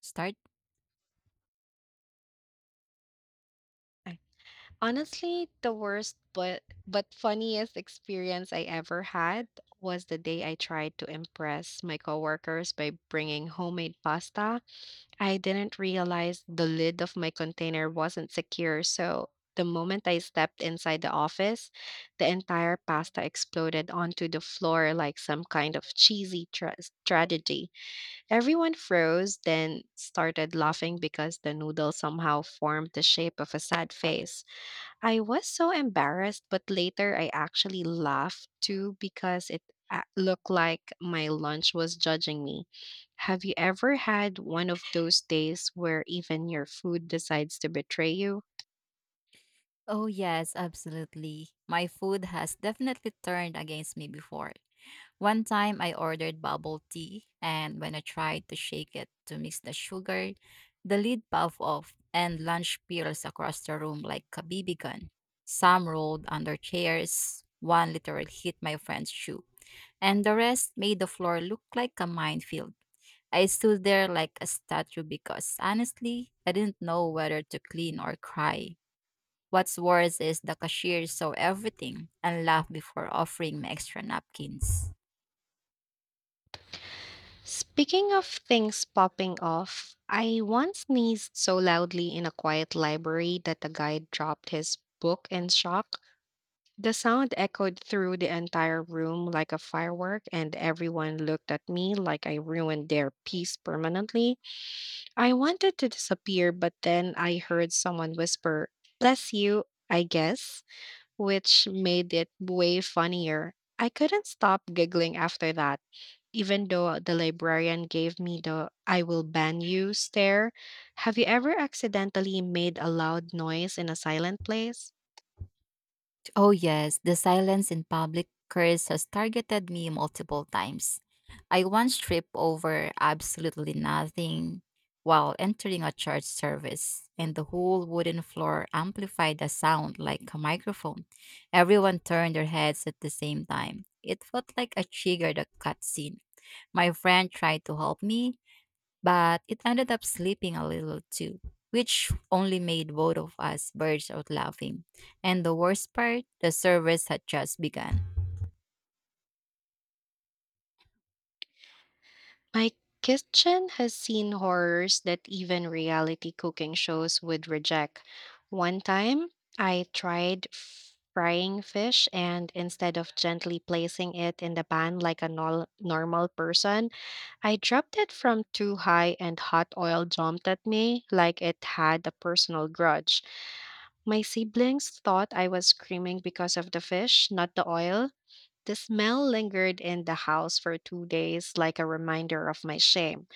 Start? I Honestly, the worst but funniest experience I ever had was the day I tried to impress my coworkers by bringing homemade pasta. I didn't realize the lid of my container wasn't secure, so the moment I stepped inside the office, the entire pasta exploded onto the floor like some kind of cheesy tragedy. Everyone froze, then started laughing because the noodle somehow formed the shape of a sad face. I was so embarrassed, but later I actually laughed too because it looked like my lunch was judging me. Have you ever had one of those days where even your food decides to betray you? Oh, yes, absolutely. My food has definitely turned against me before. One time I ordered bubble tea, and when I tried to shake it to mix the sugar, the lid puffed off and lunch spills across the room like a BB gun. Some rolled under chairs, one literally hit my friend's shoe, and the rest made the floor look like a minefield. I stood there like a statue because honestly, I didn't know whether to clean or cry. What's worse is the cashier saw everything and laughed before offering me extra napkins. Speaking of things popping off, I once sneezed so loudly in a quiet library that the guy dropped his book in shock. The sound echoed through the entire room like a firework, and everyone looked at me like I ruined their peace permanently. I wanted to disappear, but then I heard someone whisper, "Bless you, I guess," which made it way funnier. I couldn't stop giggling after that, even though the librarian gave me the "I will ban you" stare. Have you ever accidentally made a loud noise in a silent place? Oh, yes, the silence in public curse has targeted me multiple times. I once tripped over absolutely nothing while entering a church service, and the whole wooden floor amplified the sound like a microphone. Everyone turned their heads at the same time. It felt like a triggered cutscene. My friend tried to help me, but it ended up sleeping a little too, which only made both of us burst out laughing. And the worst part, the service had just begun. My kitchen has seen horrors that even reality cooking shows would reject. One time, I tried frying fish, and instead of gently placing it in the pan like a normal person, I dropped it from too high, and hot oil jumped at me like it had a personal grudge. My siblings thought I was screaming because of the fish, not the oil. The smell lingered in the house for 2 days like a reminder of my shame.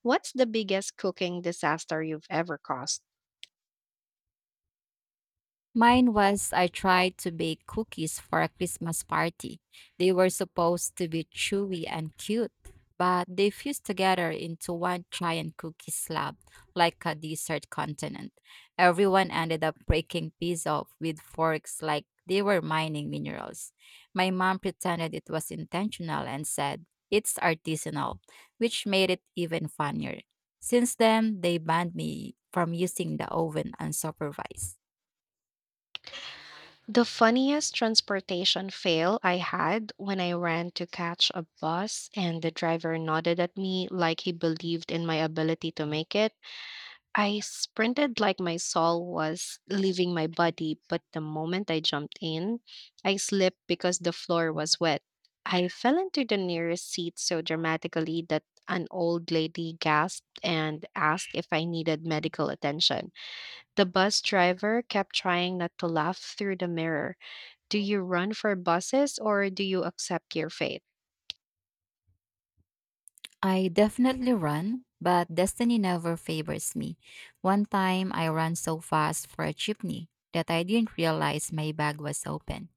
What's the biggest cooking disaster you've ever caused? Mine was I tried to bake cookies for a Christmas party. They were supposed to be chewy and cute, but they fused together into one giant cookie slab, like a dessert continent. Everyone ended up breaking pieces off with forks like they were mining minerals. My mom pretended it was intentional and said, "It's artisanal," which made it even funnier. Since then, they banned me from using the oven unsupervised. The funniest transportation fail I had when I ran to catch a bus and the driver nodded at me like he believed in my ability to make it. I sprinted like my soul was leaving my body, but the moment I jumped in, I slipped because the floor was wet. I fell into the nearest seat so dramatically that an old lady gasped and asked if I needed medical attention. The bus driver kept trying not to laugh through the mirror. Do you run for buses or do you accept your fate? I definitely run, but destiny never favors me. One time I ran so fast for a chimney that I didn't realize my bag was open,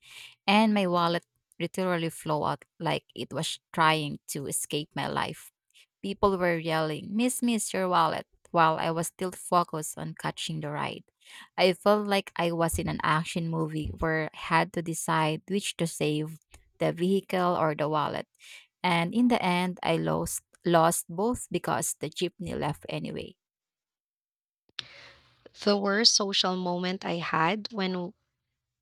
and my wallet literally flew out like it was trying to escape my life. People were yelling, "Miss, miss, your wallet," while I was still focused on catching the ride. I felt like I was in an action movie where I had to decide which to save, the vehicle or the wallet, and in the end I lost both because the jeepney left anyway. The worst social moment I had when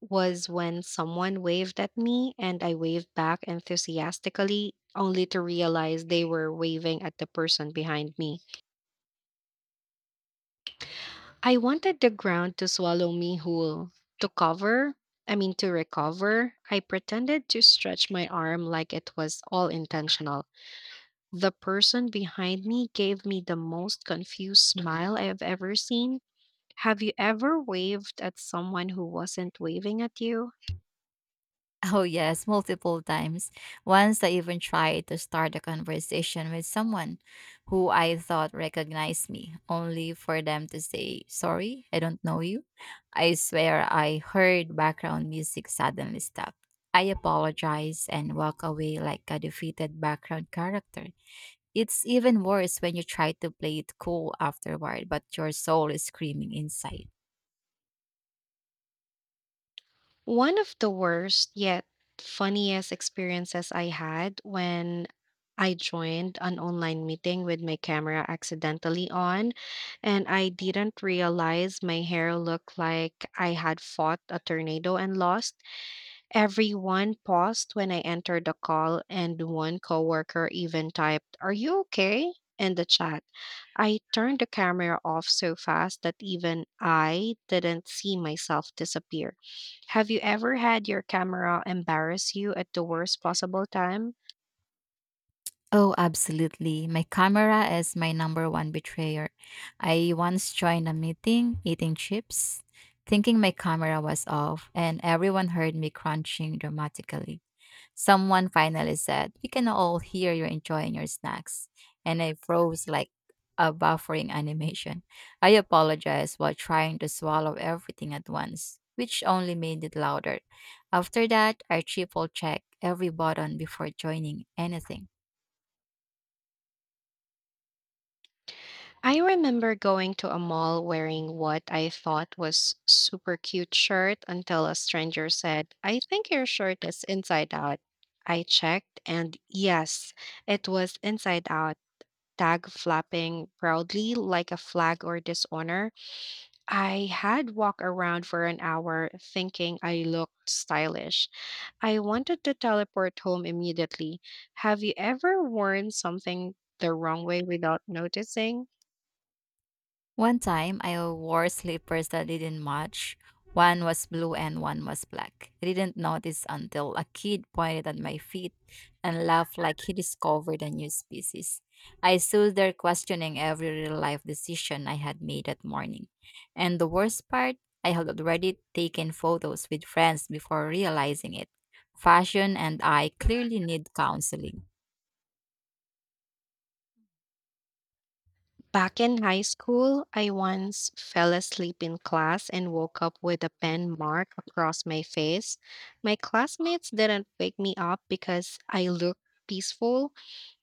was when someone waved at me and I waved back enthusiastically, only to realize they were waving at the person behind me. I wanted the ground to swallow me whole. To cover, I mean, to recover, I pretended to stretch my arm like it was all intentional. The person behind me gave me the most confused smile I have ever seen. Have you ever waved at someone who wasn't waving at you? Oh yes, multiple times. Once I even tried to start a conversation with someone who I thought recognized me, only for them to say, "Sorry, I don't know you." I swear I heard background music suddenly stop. I apologize and walk away like a defeated background character. It's even worse when you try to play it cool afterward, but your soul is screaming inside. One of the worst yet funniest experiences I had when I joined an online meeting with my camera accidentally on, and I didn't realize my hair looked like I had fought a tornado and lost. Everyone paused when I entered the call, and one coworker even typed, "Are you okay?" in the chat. I turned the camera off so fast that even I didn't see myself disappear. Have you ever had your camera embarrass you at the worst possible time? Oh, absolutely. My camera is my number one betrayer. I once joined a meeting eating chips, thinking my camera was off, and everyone heard me crunching dramatically. Someone finally said, "We can all hear you are enjoying your snacks." And I froze like a buffering animation. I apologized while trying to swallow everything at once, which only made it louder. After that, I triple checked every button before joining anything. I remember going to a mall wearing what I thought was super cute shirt until a stranger said, "I think your shirt is inside out." I checked and yes, it was inside out, tag flapping proudly like a flag or dishonor. I had walked around for an hour thinking I looked stylish. I wanted to teleport home immediately. Have you ever worn something the wrong way without noticing? One time, I wore slippers that didn't match. One was blue and one was black. I didn't notice until a kid pointed at my feet and laughed like he discovered a new species. I stood there questioning every real life decision I had made that morning. And the worst part, I had already taken photos with friends before realizing it. Fashion and I clearly need counseling. Back in high school, I once fell asleep in class and woke up with a pen mark across my face. My classmates didn't wake me up because I looked peaceful.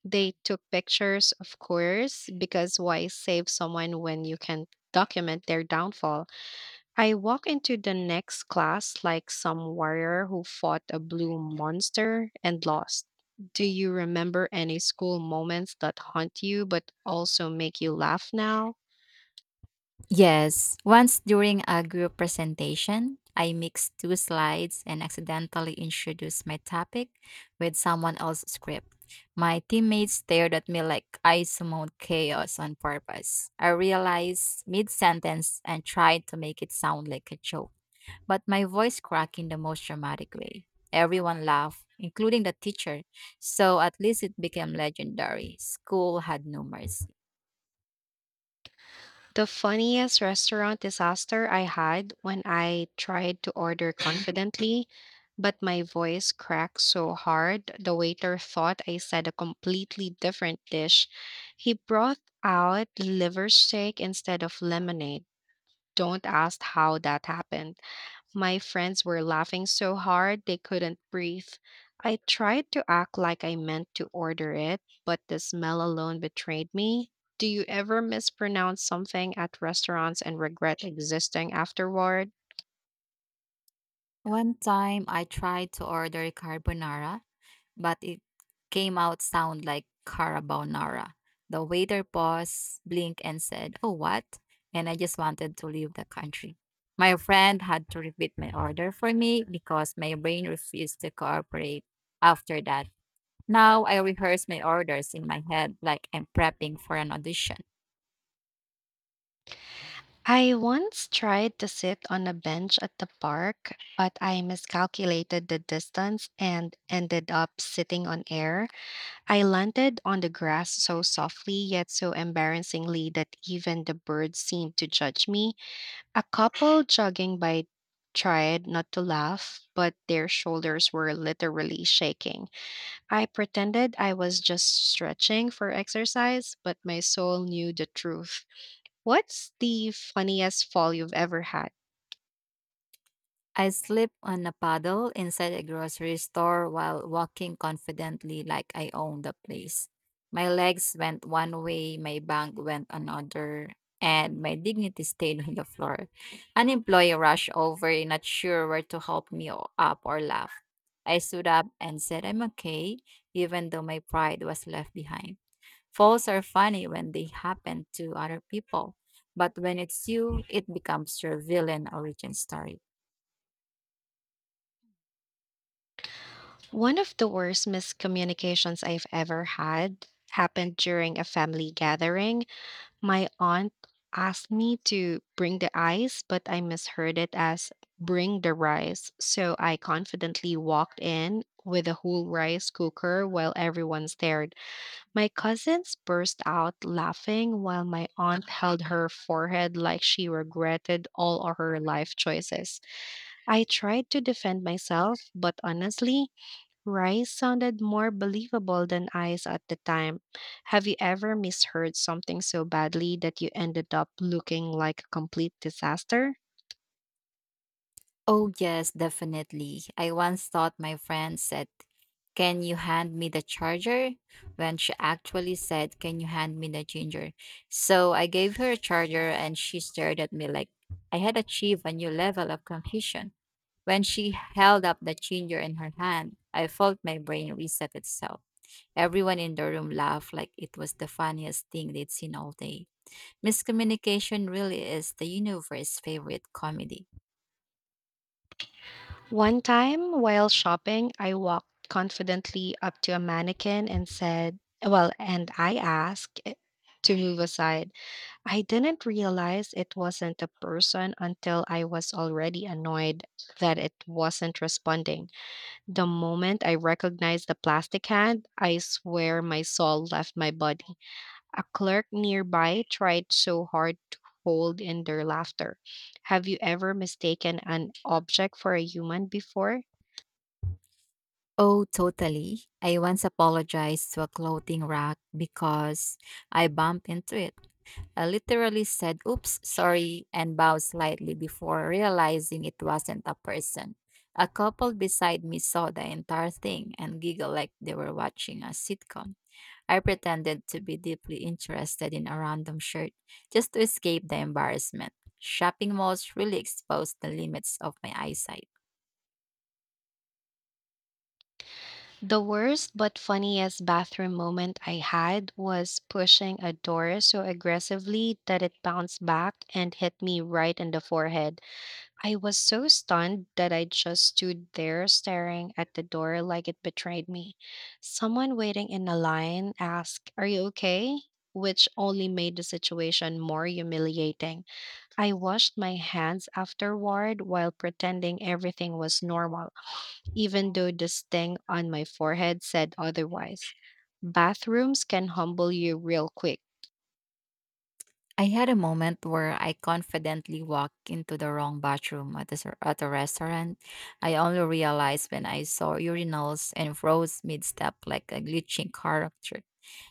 They took pictures, of course, because why save someone when you can document their downfall? I walk into the next class like some warrior who fought a blue monster and lost. Do you remember any school moments that haunt you but also make you laugh now? Yes, once during a group presentation, I mixed two slides and accidentally introduced my topic with someone else's script. My teammates stared at me like I summoned chaos on purpose. I realized mid sentence and tried to make it sound like a joke, but my voice cracked in the most dramatic way. Everyone laughed, including the teacher, so at least it became legendary. School had no mercy. The funniest restaurant disaster I had when I tried to order confidently, but my voice cracked so hard the waiter thought I said a completely different dish. He brought out liver steak instead of lemonade. Don't ask how that happened. My friends were laughing so hard they couldn't breathe. I tried to act like I meant to order it, but the smell alone betrayed me. Do you ever mispronounce something at restaurants and regret existing afterward? One time I tried to order carbonara, but it came out sound like carabonara. The waiter paused, blinked, and said, "Oh, what?" And I just wanted to leave the country. My friend had to repeat my order for me because my brain refused to cooperate after that. Now I rehearse my orders in my head like I'm prepping for an audition. I once tried to sit on a bench at the park, but I miscalculated the distance and ended up sitting on air. I landed on the grass so softly yet so embarrassingly that even the birds seemed to judge me. A couple jogging by tried not to laugh, but their shoulders were literally shaking. I pretended I was just stretching for exercise, but my soul knew the truth. What's the funniest fall you've ever had? I slip on a paddle inside a grocery store while walking confidently like I own the place. My legs went one way, my bank went another, and my dignity stayed on the floor. An employee rushed over, not sure where to help me up or laugh. I stood up and said, "I'm okay," even though my pride was left behind. Falls are funny when they happen to other people, but when it's you, it becomes your villain origin story. One of the worst miscommunications I've ever had happened during a family gathering. My aunt asked me to bring the ice, but I misheard it as "bring the rice." So I confidently walked in with a whole rice cooker while everyone stared. My cousins burst out laughing while my aunt held her forehead like she regretted all of her life choices. I tried to defend myself, but honestly, rice sounded more believable than ice at the time. Have you ever misheard something so badly that you ended up looking like a complete disaster? Oh, yes, definitely. I once thought my friend said, "Can you hand me the charger?" When she actually said, "Can you hand me the ginger?" So I gave her a charger and she stared at me like I had achieved a new level of confusion. When she held up the ginger in her hand, I felt my brain reset itself. Everyone in the room laughed like it was the funniest thing they'd seen all day. Miscommunication really is the universe's favorite comedy. One time, while shopping, I walked confidently up to a mannequin and said, "Well," and I asked it to move aside. I didn't realize it wasn't a person until I was already annoyed that it wasn't responding. The moment I recognized the plastic hand, I swear my soul left my body. A clerk nearby tried so hard to hold in their laughter. Have you ever mistaken an object for a human before? Oh, totally. I once apologized to a clothing rack because I bumped into it. I literally said, "Oops, sorry," and bowed slightly before realizing it wasn't a person. A couple beside me saw the entire thing and giggled like they were watching a sitcom. I pretended to be deeply interested in a random shirt just to escape the embarrassment. Shopping malls really exposed the limits of my eyesight. The worst but funniest bathroom moment I had was pushing a door so aggressively that it bounced back and hit me right in the forehead. I was so stunned that I just stood there staring at the door like it betrayed me. Someone waiting in a line asked, "Are you okay?" which only made the situation more humiliating. I washed my hands afterward while pretending everything was normal, even though the sting on my forehead said otherwise. Bathrooms can humble you real quick. I had a moment where I confidently walked into the wrong bathroom at a restaurant. I only realized when I saw urinals and froze mid step like a glitching character.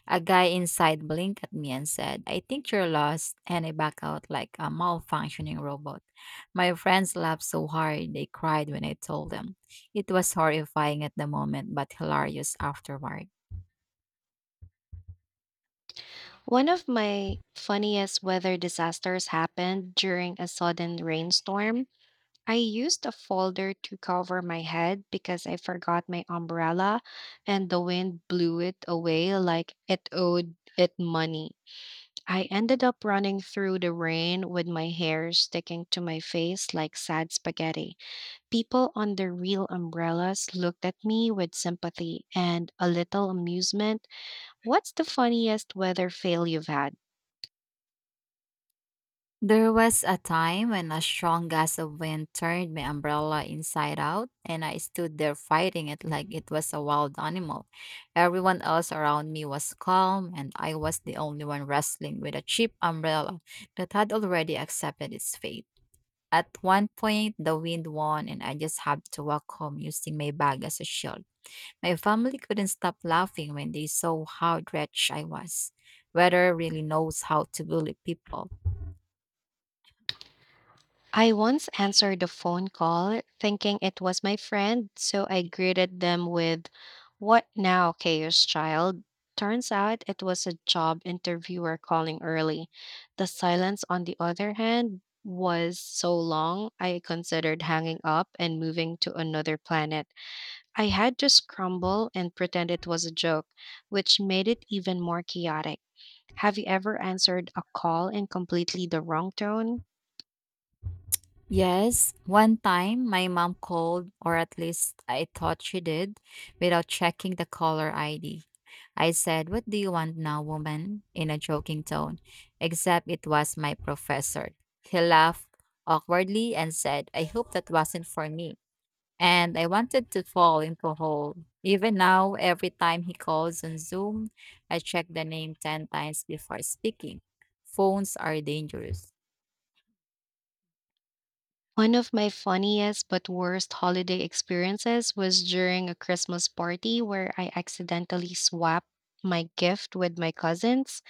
A guy inside blinked at me and said, "I think you're lost." And I back out like a malfunctioning robot. My friends laughed so hard they cried when I told them. It was horrifying at the moment, but hilarious afterward. One of my funniest weather disasters happened during a sudden rainstorm. I used a folder to cover my head because I forgot my umbrella and the wind blew it away like it owed it money. I ended up running through the rain with my hair sticking to my face like sad spaghetti. People under real umbrellas looked at me with sympathy and a little amusement. What's the funniest weather fail you've had? There was a time when a strong gust of wind turned my umbrella inside out, and I stood there fighting it like it was a wild animal. Everyone else around me was calm, and I was the only one wrestling with a cheap umbrella that had already accepted its fate. At one point, the wind won, and I just had to walk home using my bag as a shield. My family couldn't stop laughing when they saw how wretched I was. Weather really knows how to bully people. I once answered a phone call thinking it was my friend, so I greeted them with, "What now, Chaos Child?" Turns out it was a job interviewer calling early. The silence, on the other hand, was so long I considered hanging up and moving to another planet. I had to scramble and pretend it was a joke, which made it even more chaotic. Have you ever answered a call in completely the wrong tone? Yes, one time my mom called, or at least I thought she did, without checking the caller ID. I said, "What do you want now, woman?" in a joking tone, except it was my professor. He laughed awkwardly and said, "I hope that wasn't for me." And I wanted to fall into a hole. Even now, every time he calls on Zoom, I check the name 10 times before speaking. Phones are dangerous. One of my funniest but worst holiday experiences was during a Christmas party where I accidentally swapped my gift with my cousins.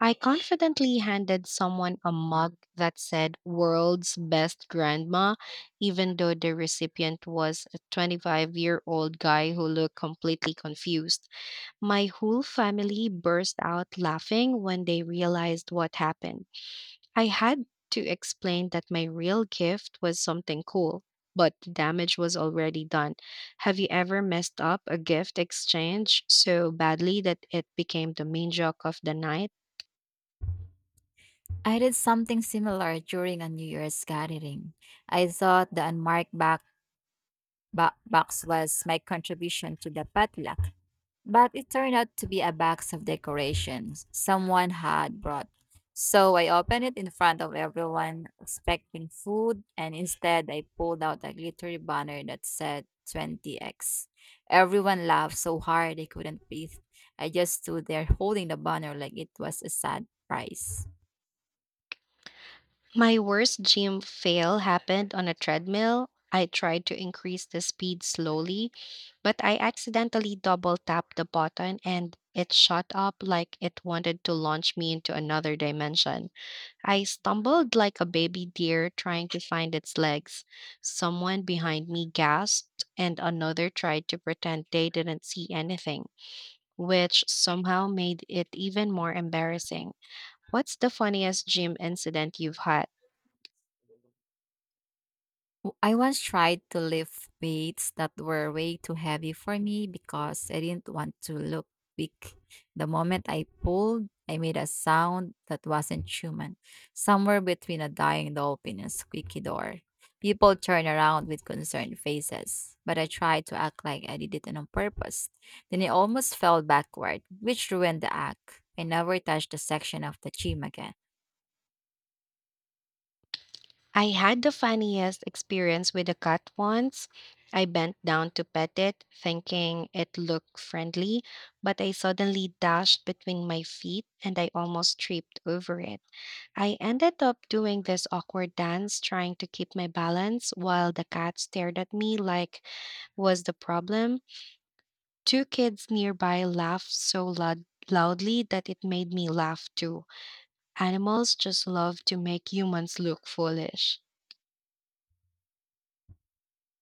I confidently handed someone a mug that said "World's Best Grandma," even though the recipient was a 25-year-old year old guy who looked completely confused. My whole family burst out laughing when they realized what happened. I had to explain that my real gift was something cool, but the damage was already done. Have you ever messed up a gift exchange so badly that it became the main joke of the night? I did something similar during a New Year's gathering. I thought the unmarked box was my contribution to the potluck, but it turned out to be a box of decorations someone had brought. So I opened it in front of everyone, expecting food, and instead I pulled out a glittery banner that said 20x. Everyone laughed so hard they couldn't breathe. I just stood there holding the banner like it was a sad prize. My worst gym fail happened on a treadmill. I tried to increase the speed slowly, but I accidentally double tapped the button and it shot up like it wanted to launch me into another dimension. I stumbled like a baby deer trying to find its legs. Someone behind me gasped, and another tried to pretend they didn't see anything, which somehow made it even more embarrassing. What's the funniest gym incident you've had? I once tried to lift weights that were way too heavy for me because I didn't want to look weak. The moment I pulled, I made a sound that wasn't human, somewhere between a dying dolphin and a squeaky door. People turned around with concerned faces, but I tried to act like I did it on purpose. Then I almost fell backward, which ruined the act. I never touched the section of the gym again. I had the funniest experience with a cat once. I bent down to pet it, thinking it looked friendly, but I suddenly dashed between my feet and I almost tripped over it. I ended up doing this awkward dance trying to keep my balance while the cat stared at me like was the problem. Two kids nearby laughed so loudly that it made me laugh too. Animals just love to make humans look foolish.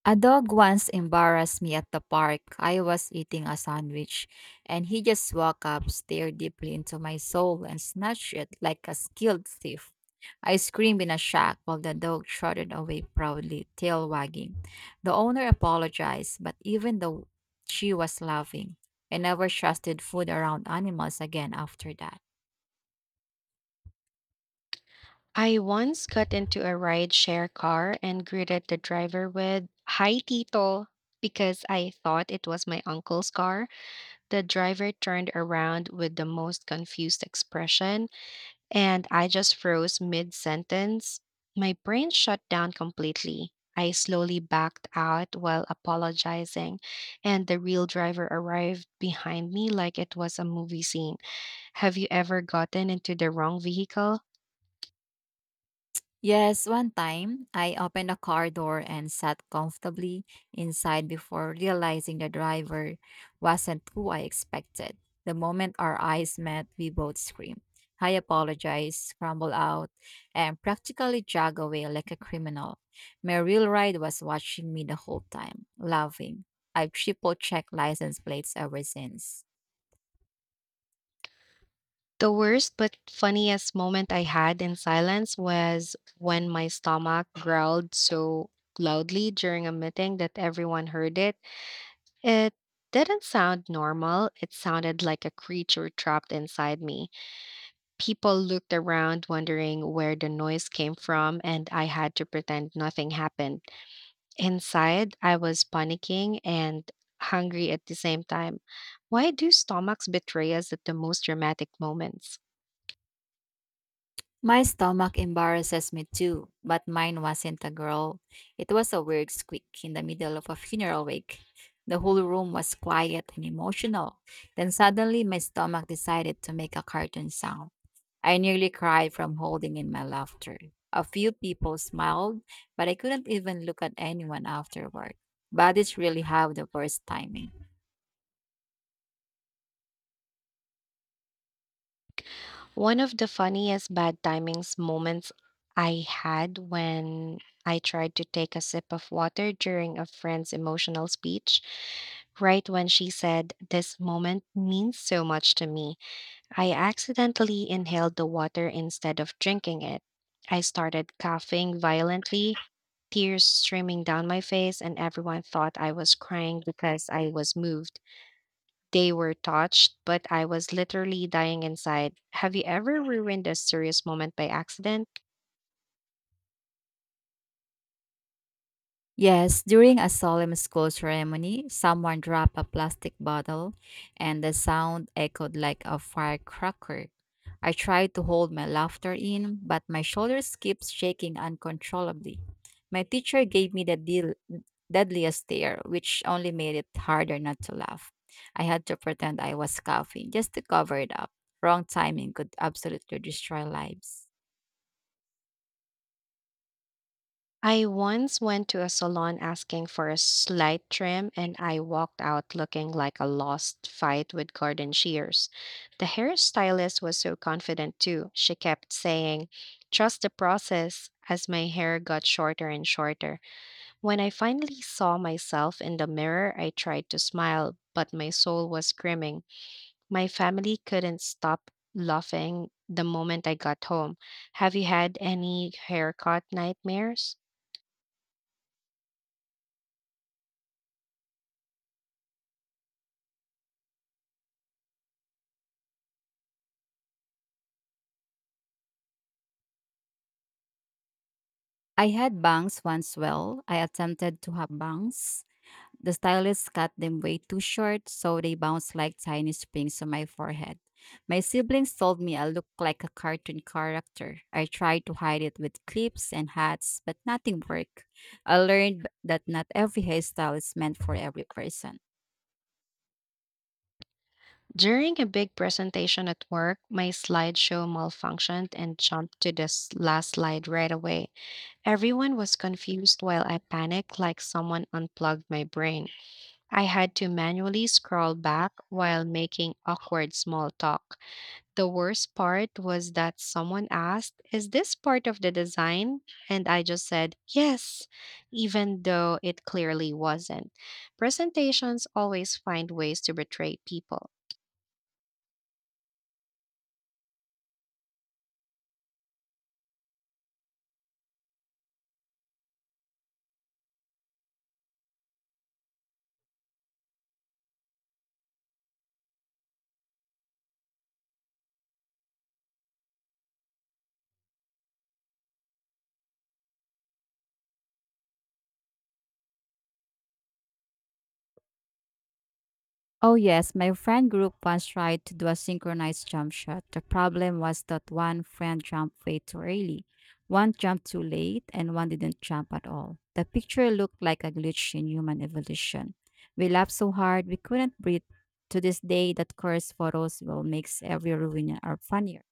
A dog once embarrassed me at the park. I was eating a sandwich and he just walked up, stared deeply into my soul, and snatched it like a skilled thief. I screamed in a shock while the dog trotted away proudly, tail wagging. The owner apologized, but even though she was laughing, I never trusted food around animals again after that. I once got into a ride-share car and greeted the driver with, "Hi, Tito," because I thought it was my uncle's car. The driver turned around with the most confused expression and I just froze mid sentence. My brain shut down completely. I slowly backed out while apologizing, and the real driver arrived behind me like it was a movie scene. Have you ever gotten into the wrong vehicle? Yes, one time I opened a car door and sat comfortably inside before realizing the driver wasn't who I expected. The moment our eyes met, we both screamed. I apologized, scrambled out, and practically jogged away like a criminal. My real ride was watching me the whole time, laughing. I've triple checked license plates ever since. The worst but funniest moment I had in silence was when my stomach growled so loudly during a meeting that everyone heard it. It didn't sound normal, it sounded like a creature trapped inside me. People looked around, wondering where the noise came from, and I had to pretend nothing happened. Inside, I was panicking and hungry at the same time. Why do stomachs betray us at the most dramatic moments? My stomach embarrasses me too, but mine wasn't a girl. It was a weird squeak in the middle of a funeral wake. The whole room was quiet and emotional. Then suddenly my stomach decided to make a cartoon sound. I nearly cried from holding in my laughter. A few people smiled, but I couldn't even look at anyone afterward. Bodies really have the worst timing. One of the funniest bad timings moments I had when I tried to take a sip of water during a friend's emotional speech, right when she said, "This moment means so much to me." I accidentally inhaled the water instead of drinking it. I started coughing violently, tears streaming down my face, and everyone thought I was crying because I was moved. They were touched, but I was literally dying inside. Have you ever ruined a serious moment by accident? Yes, during a solemn school ceremony, someone dropped a plastic bottle and the sound echoed like a firecracker. I tried to hold my laughter in, but my shoulders kept shaking uncontrollably. My teacher gave me the deadliest stare, which only made it harder not to laugh. I had to pretend I was coughing just to cover it up. Wrong timing could absolutely destroy lives. I once went to a salon asking for a slight trim, and I walked out looking like a lost fight with garden shears. The hairstylist was so confident, too. She kept saying, "Trust the process," as my hair got shorter and shorter. When I finally saw myself in the mirror, I tried to smile, but my soul was screaming. My family couldn't stop laughing the moment I got home. Have you had any haircut nightmares? I had bangs once, well, I attempted to have bangs. The stylist cut them way too short, so they bounced like tiny springs on my forehead. My siblings told me I looked like a cartoon character. I tried to hide it with clips and hats, but nothing worked. That not every hairstyle is meant for every person. During a big presentation at work, my slideshow malfunctioned and jumped to the last slide right away. Everyone was confused while I panicked like someone unplugged my brain. I had to manually scroll back while making awkward small talk. The worst part was that someone asked, "Is this part of the design?" And I just said, "Yes," even though it clearly wasn't. Presentations always find ways to betray people. Oh, yes, my friend group once tried to do a synchronized jump shot. The problem was that one friend jumped way too early, one jumped too late, and one didn't jump at all. The picture looked like a glitch in human evolution. We laughed so hard we couldn't breathe. To this day, that cursed photos will makes every ruin are funnier.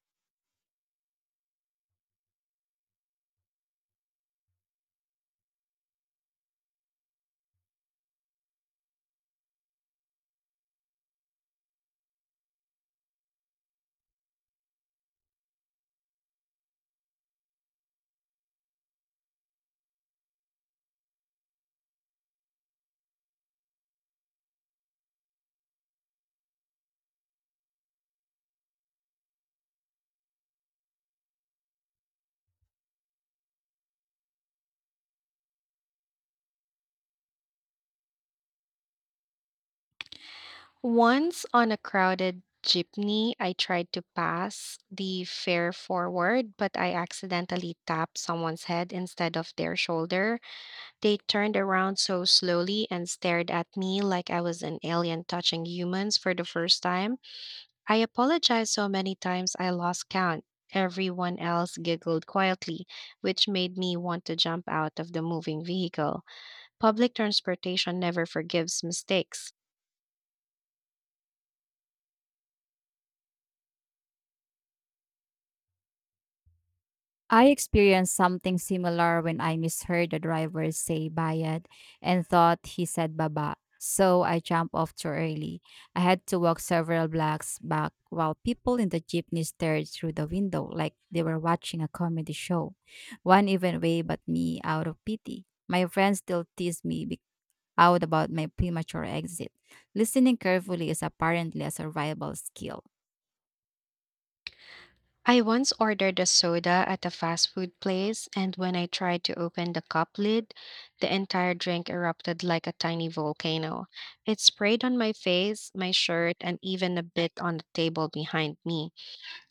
Once on a crowded jeepney, I tried to pass the fare forward, but I accidentally tapped someone's head instead of their shoulder. They turned around so slowly and stared at me like I was an alien touching humans for the first time. I apologized so many times I lost count. Everyone else giggled quietly, which made me want to jump out of the moving vehicle. Public transportation never forgives mistakes. I experienced something similar when I misheard the driver say bayad and thought he said baba. So I jumped off too early. I had to walk several blocks back while people in the jeepney stared through the window like they were watching a comedy show. One even waved at me out of pity. My friends still tease me be- out about my premature exit. Listening carefully is apparently a survival skill. I once ordered a soda at a fast food place, and when I tried to open the cup lid, the entire drink erupted like a tiny volcano. It sprayed on my face, my shirt, and even a bit on the table behind me.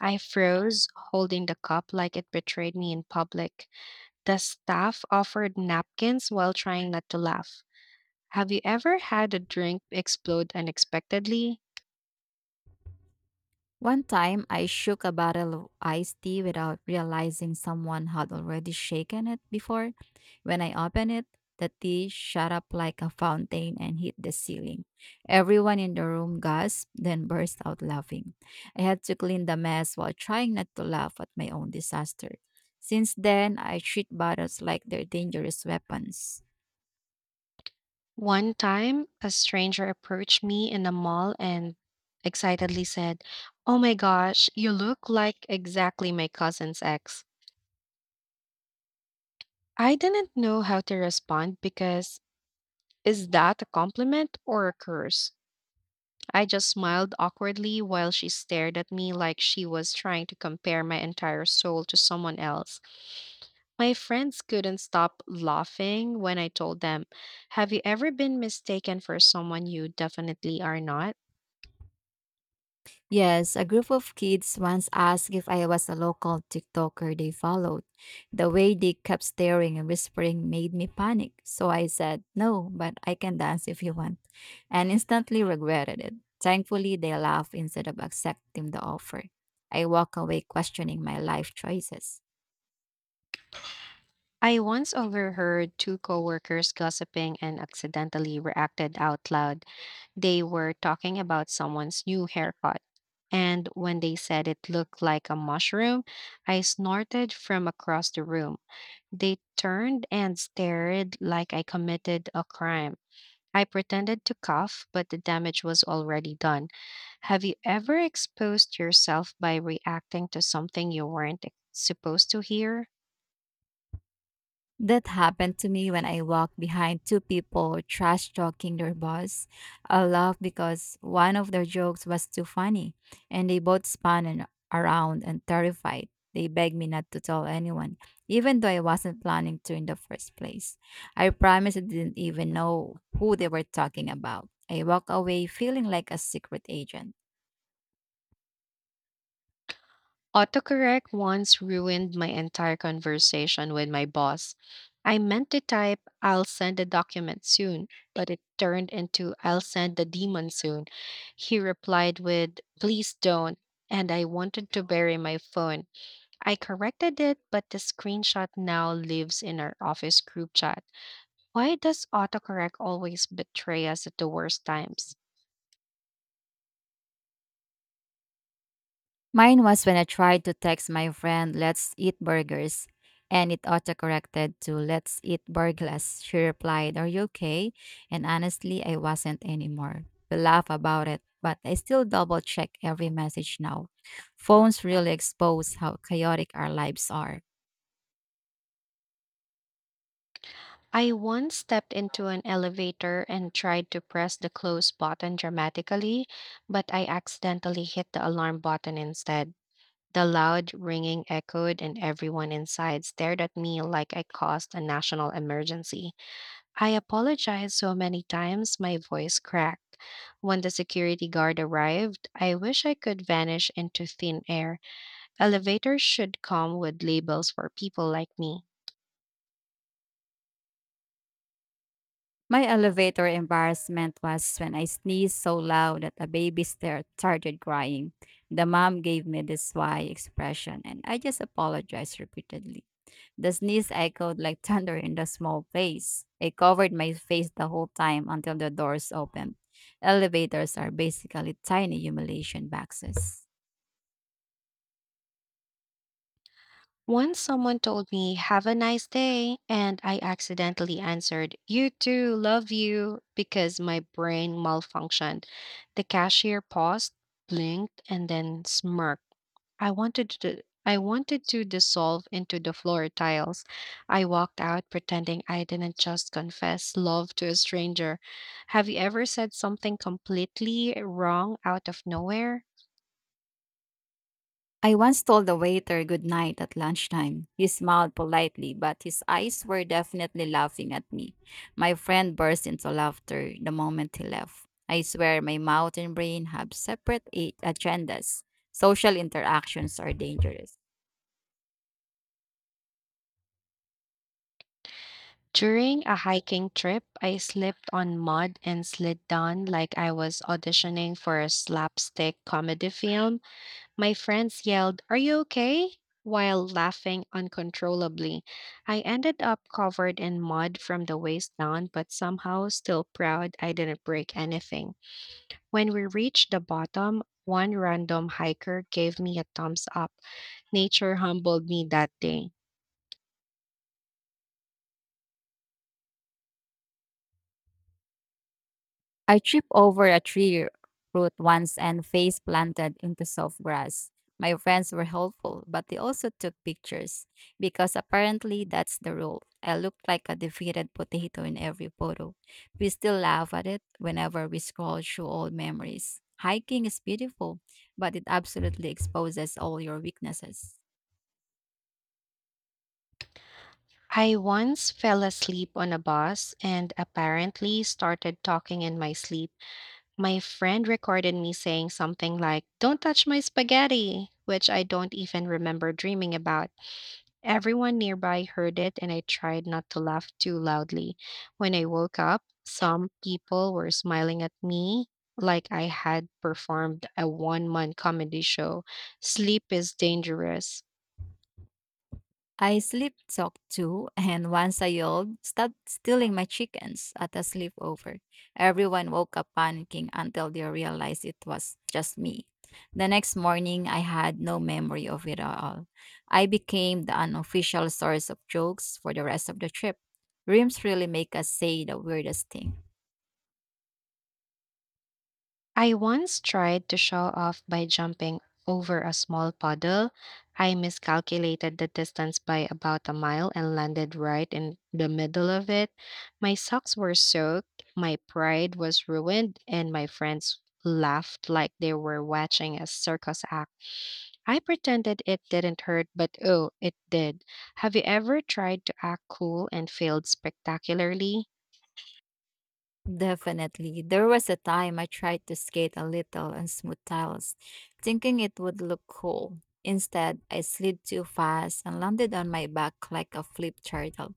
I froze, holding the cup like it betrayed me in public. The staff offered napkins while trying not to laugh. Have you ever had a drink explode unexpectedly? One time, I shook a bottle of iced tea without realizing someone had already shaken it before. When I opened it, the tea shot up like a fountain and hit the ceiling. Everyone in the room gasped, then burst out laughing. I had to clean the mess while trying not to laugh at my own disaster. Since then, I treat bottles like they're dangerous weapons. One time, a stranger approached me in a mall and excitedly said, "Oh my gosh, you look like exactly my cousin's ex." I didn't know how to respond because is that a compliment or a curse? I just smiled awkwardly while she stared at me like she was trying to compare my entire soul to someone else. My friends couldn't stop laughing when I told them. Have you ever been mistaken for someone you definitely are not? Yes, a group of kids once asked if I was a local TikToker they followed. The way they kept staring and whispering made me panic, so I said, "No, but I can dance if you want," and instantly regretted it. Thankfully, they laughed instead of accepting the offer. I walk away questioning my life choices. I once overheard two coworkers gossiping and accidentally reacted out loud. They were talking about someone's new haircut. And when they said it looked like a mushroom, I snorted from across the room. They turned and stared like I committed a crime. I pretended to cough, but the damage was already done. Have you ever exposed yourself by reacting to something you weren't supposed to hear? That happened to me when I walked behind two people trash talking their boss. I laughed because one of their jokes was too funny, and they both spun and around and terrified. They begged me not to tell anyone, even though I wasn't planning to in the first place. I promised I didn't even know who they were talking about. I walked away feeling like a secret agent. Autocorrect once ruined my entire conversation with my boss. I meant to type, "I'll send the document soon," but it turned into, "I'll send the demon soon." He replied with, "Please don't." And I wanted to bury my phone. I corrected it, but the screenshot now lives in our office group chat. Why does autocorrect always betray us at the worst times? Mine was when I tried to text my friend, "let's eat burgers," and it autocorrected to "let's eat burglars." She replied, "Are you okay?" And honestly, I wasn't anymore. We laugh about it, but I still double check every message now. Phones really expose how chaotic our lives are. I once stepped into an elevator and tried to press the close button dramatically, but I accidentally hit the alarm button instead. The loud ringing echoed, and everyone inside stared at me like I caused a national emergency. I apologized so many times, my voice cracked. When the security guard arrived, I wish I could vanish into thin air. Elevators should come with labels for people like me. My elevator embarrassment was when I sneezed so loud that a started crying. The mom gave me this why expression, and I just apologized repeatedly. The sneeze echoed like thunder in the small place. It covered my face the whole time until the doors opened. Elevators are basically tiny humiliation boxes. Once someone told me, "Have a nice day," and I accidentally answered, "You too, love you," because my brain malfunctioned. The cashier paused, blinked, and then smirked. I wanted to dissolve into the floor tiles. I walked out pretending I didn't just confess love to a stranger. Have you ever said something completely wrong out of nowhere? I once told the waiter good night at lunchtime. He smiled politely, but his eyes were definitely laughing at me. My friend burst into laughter the moment he left. I swear my mouth and brain have separate a- agendas. Social interactions are dangerous. During a hiking trip, I slipped on mud and slid down like I was auditioning for a slapstick comedy film. My friends yelled, "Are you okay?" while laughing uncontrollably. I ended up covered in mud from the waist down, but somehow still proud I didn't break anything. When we reached the bottom, one random hiker gave me a thumbs up. Nature humbled me that day. I tripped over a tree root once and face planted into soft grass. My friends were helpful, but they also took pictures because apparently that's the rule. I looked like a defeated potato in every photo. We still laugh at it whenever we scroll through old memories. Hiking is beautiful, but it absolutely exposes all your weaknesses. I once fell asleep on a bus and apparently started talking in my sleep. My friend recorded me saying something like, "Don't touch my spaghetti," which I don't even remember dreaming about. Everyone nearby heard it and I tried not to laugh too loudly. When I woke up, some people were smiling at me like I had performed a one man comedy show. Sleep is dangerous. I sleep talk too, and once I yelled, "stop stealing my chickens" at a sleepover. Everyone woke up panicking until they realized it was just me. The next morning, I had no memory of it at all. I became the unofficial source of jokes for the rest of the trip. Dreams really make us say the weirdest thing. I once tried to show off by jumping over a small puddle. I miscalculated the distance by about a mile and landed right in the middle of it. My socks were soaked, my pride was ruined, and my friends laughed like they were watching a circus act. I pretended it didn't hurt, but oh, it did. Have you ever tried to act cool and failed spectacularly? Definitely. There was a time I tried to skate a little on smooth tiles, thinking it would look cool. Instead, I slid too fast and landed on my back like a flip turtle.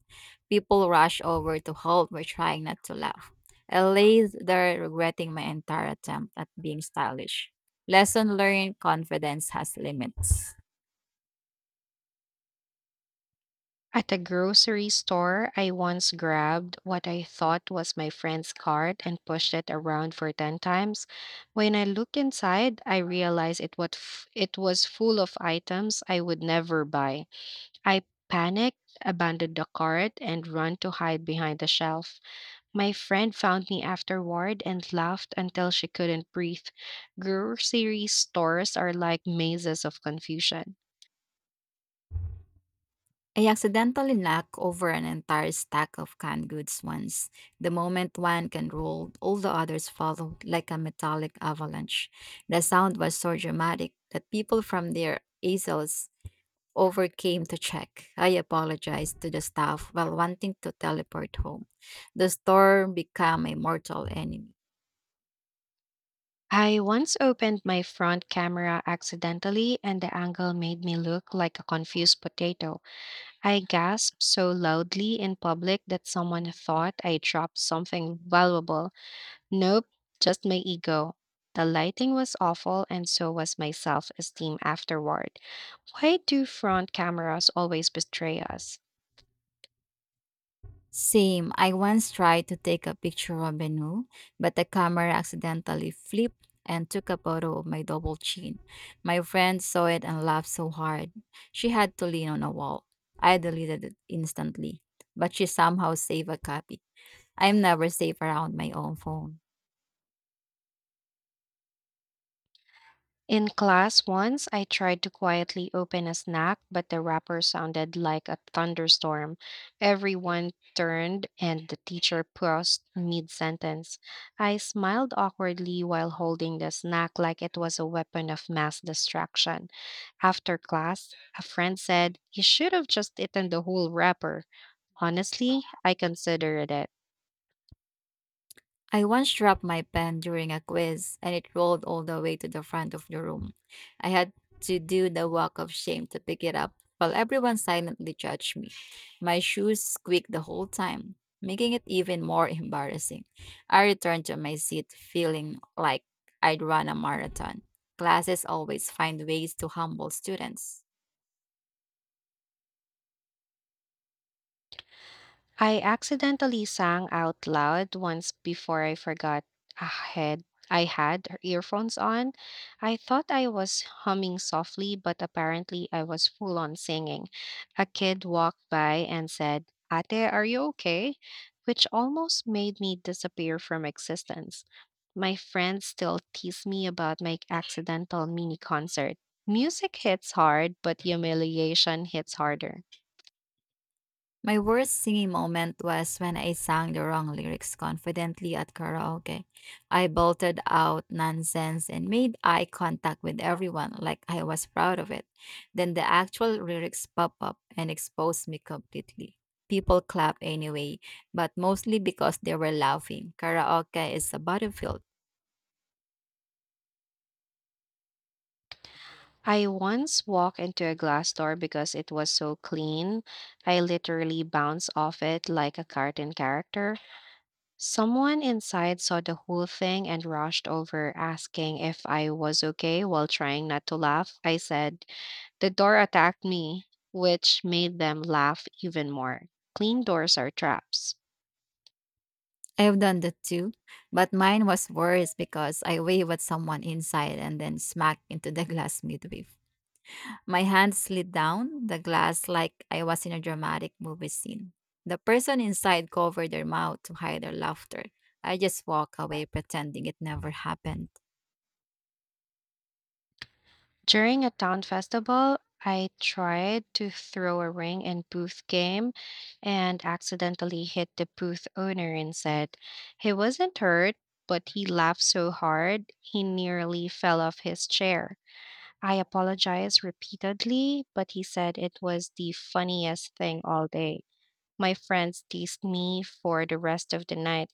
People rushed over to help me, trying not to laugh. I lay there regretting my entire attempt at being stylish. Lesson learned, confidence has limits. At a grocery store, I once grabbed what I thought was my friend's card and pushed it around for 10 times. When I looked inside, I realized it was full of items I would never buy. I panicked, abandoned the cart, and ran to hide behind the shelf. My friend found me afterward and laughed until she couldn't breathe. Grocery stores are like mazes of confusion. I accidentally knocked over an entire stack of canned goods once. The moment one can rolled, all the others followed like a metallic avalanche. The sound was so dramatic that people from their easels overcame to check. I apologized to the staff while wanting to teleport home. The store became a mortal enemy. I once opened my front camera accidentally, and the angle made me look like a confused potato. I gasped so loudly in public that someone thought I dropped something valuable. Nope, just my ego. The lighting was awful, and so was my self esteem afterward. Why do front cameras always betray us? Same. I once tried to take a picture of a, but the camera accidentally flipped and took a photo of my double chin. My friend saw it and laughed so hard. She had to lean on a wall. I deleted it instantly, but she somehow saved a copy. I'm never safe around my own phone. In class once, I tried to quietly open a snack, but the wrapper sounded like a thunderstorm. Everyone turned and the teacher paused mid sentence. I smiled awkwardly while holding the snack like it was a weapon of mass distraction. After class, a friend said, "You should have just eaten the whole wrapper." Honestly, I considered it. I once dropped my pen during a quiz and it rolled all the way to the front of the room. I had to do the walk of shame to pick it up while everyone silently judged me. My shoes squeaked the whole time, making it even more embarrassing. I returned to my seat feeling like I'd run a marathon. Classes always find ways to humble students. I accidentally sang out loud once before I forgot I had I had earphones on. I thought I was humming softly, but apparently I was full on singing. A kid walked by and said, "Ate, are you okay?" which almost made me disappear from existence. My friends still tease me about my accidental mini concert. Music hits hard, but humiliation hits harder. My worst singing moment was when I sang the wrong lyrics confidently at karaoke. I bolted out nonsense and made eye contact with everyone like I was proud of it. Then the actual lyrics pop up and exposed me completely. People clap anyway, but mostly because they were laughing. Karaoke is a battlefield. I once walked into a glass door because it was so clean. I literally bounced off it like a cartoon character. Someone inside saw the whole thing and rushed over asking if I was okay while trying not to laugh. I said, "The door attacked me," which made them laugh even more. Clean doors are traps. I have done that too, but mine was worse because I wave at someone inside and then smack into the glass midway. My hand slid down the glass like I was in a dramatic movie scene. The person inside covered their mouth to hide their laughter. I just walked away pretending it never happened. During a town festival, I tried to throw a ring in booth game and accidentally hit the booth owner instead. He wasn't hurt, but he laughed so hard he nearly fell off his chair. I apologized repeatedly, but he said it was the funniest thing all day. My friends teased me for the rest of the night.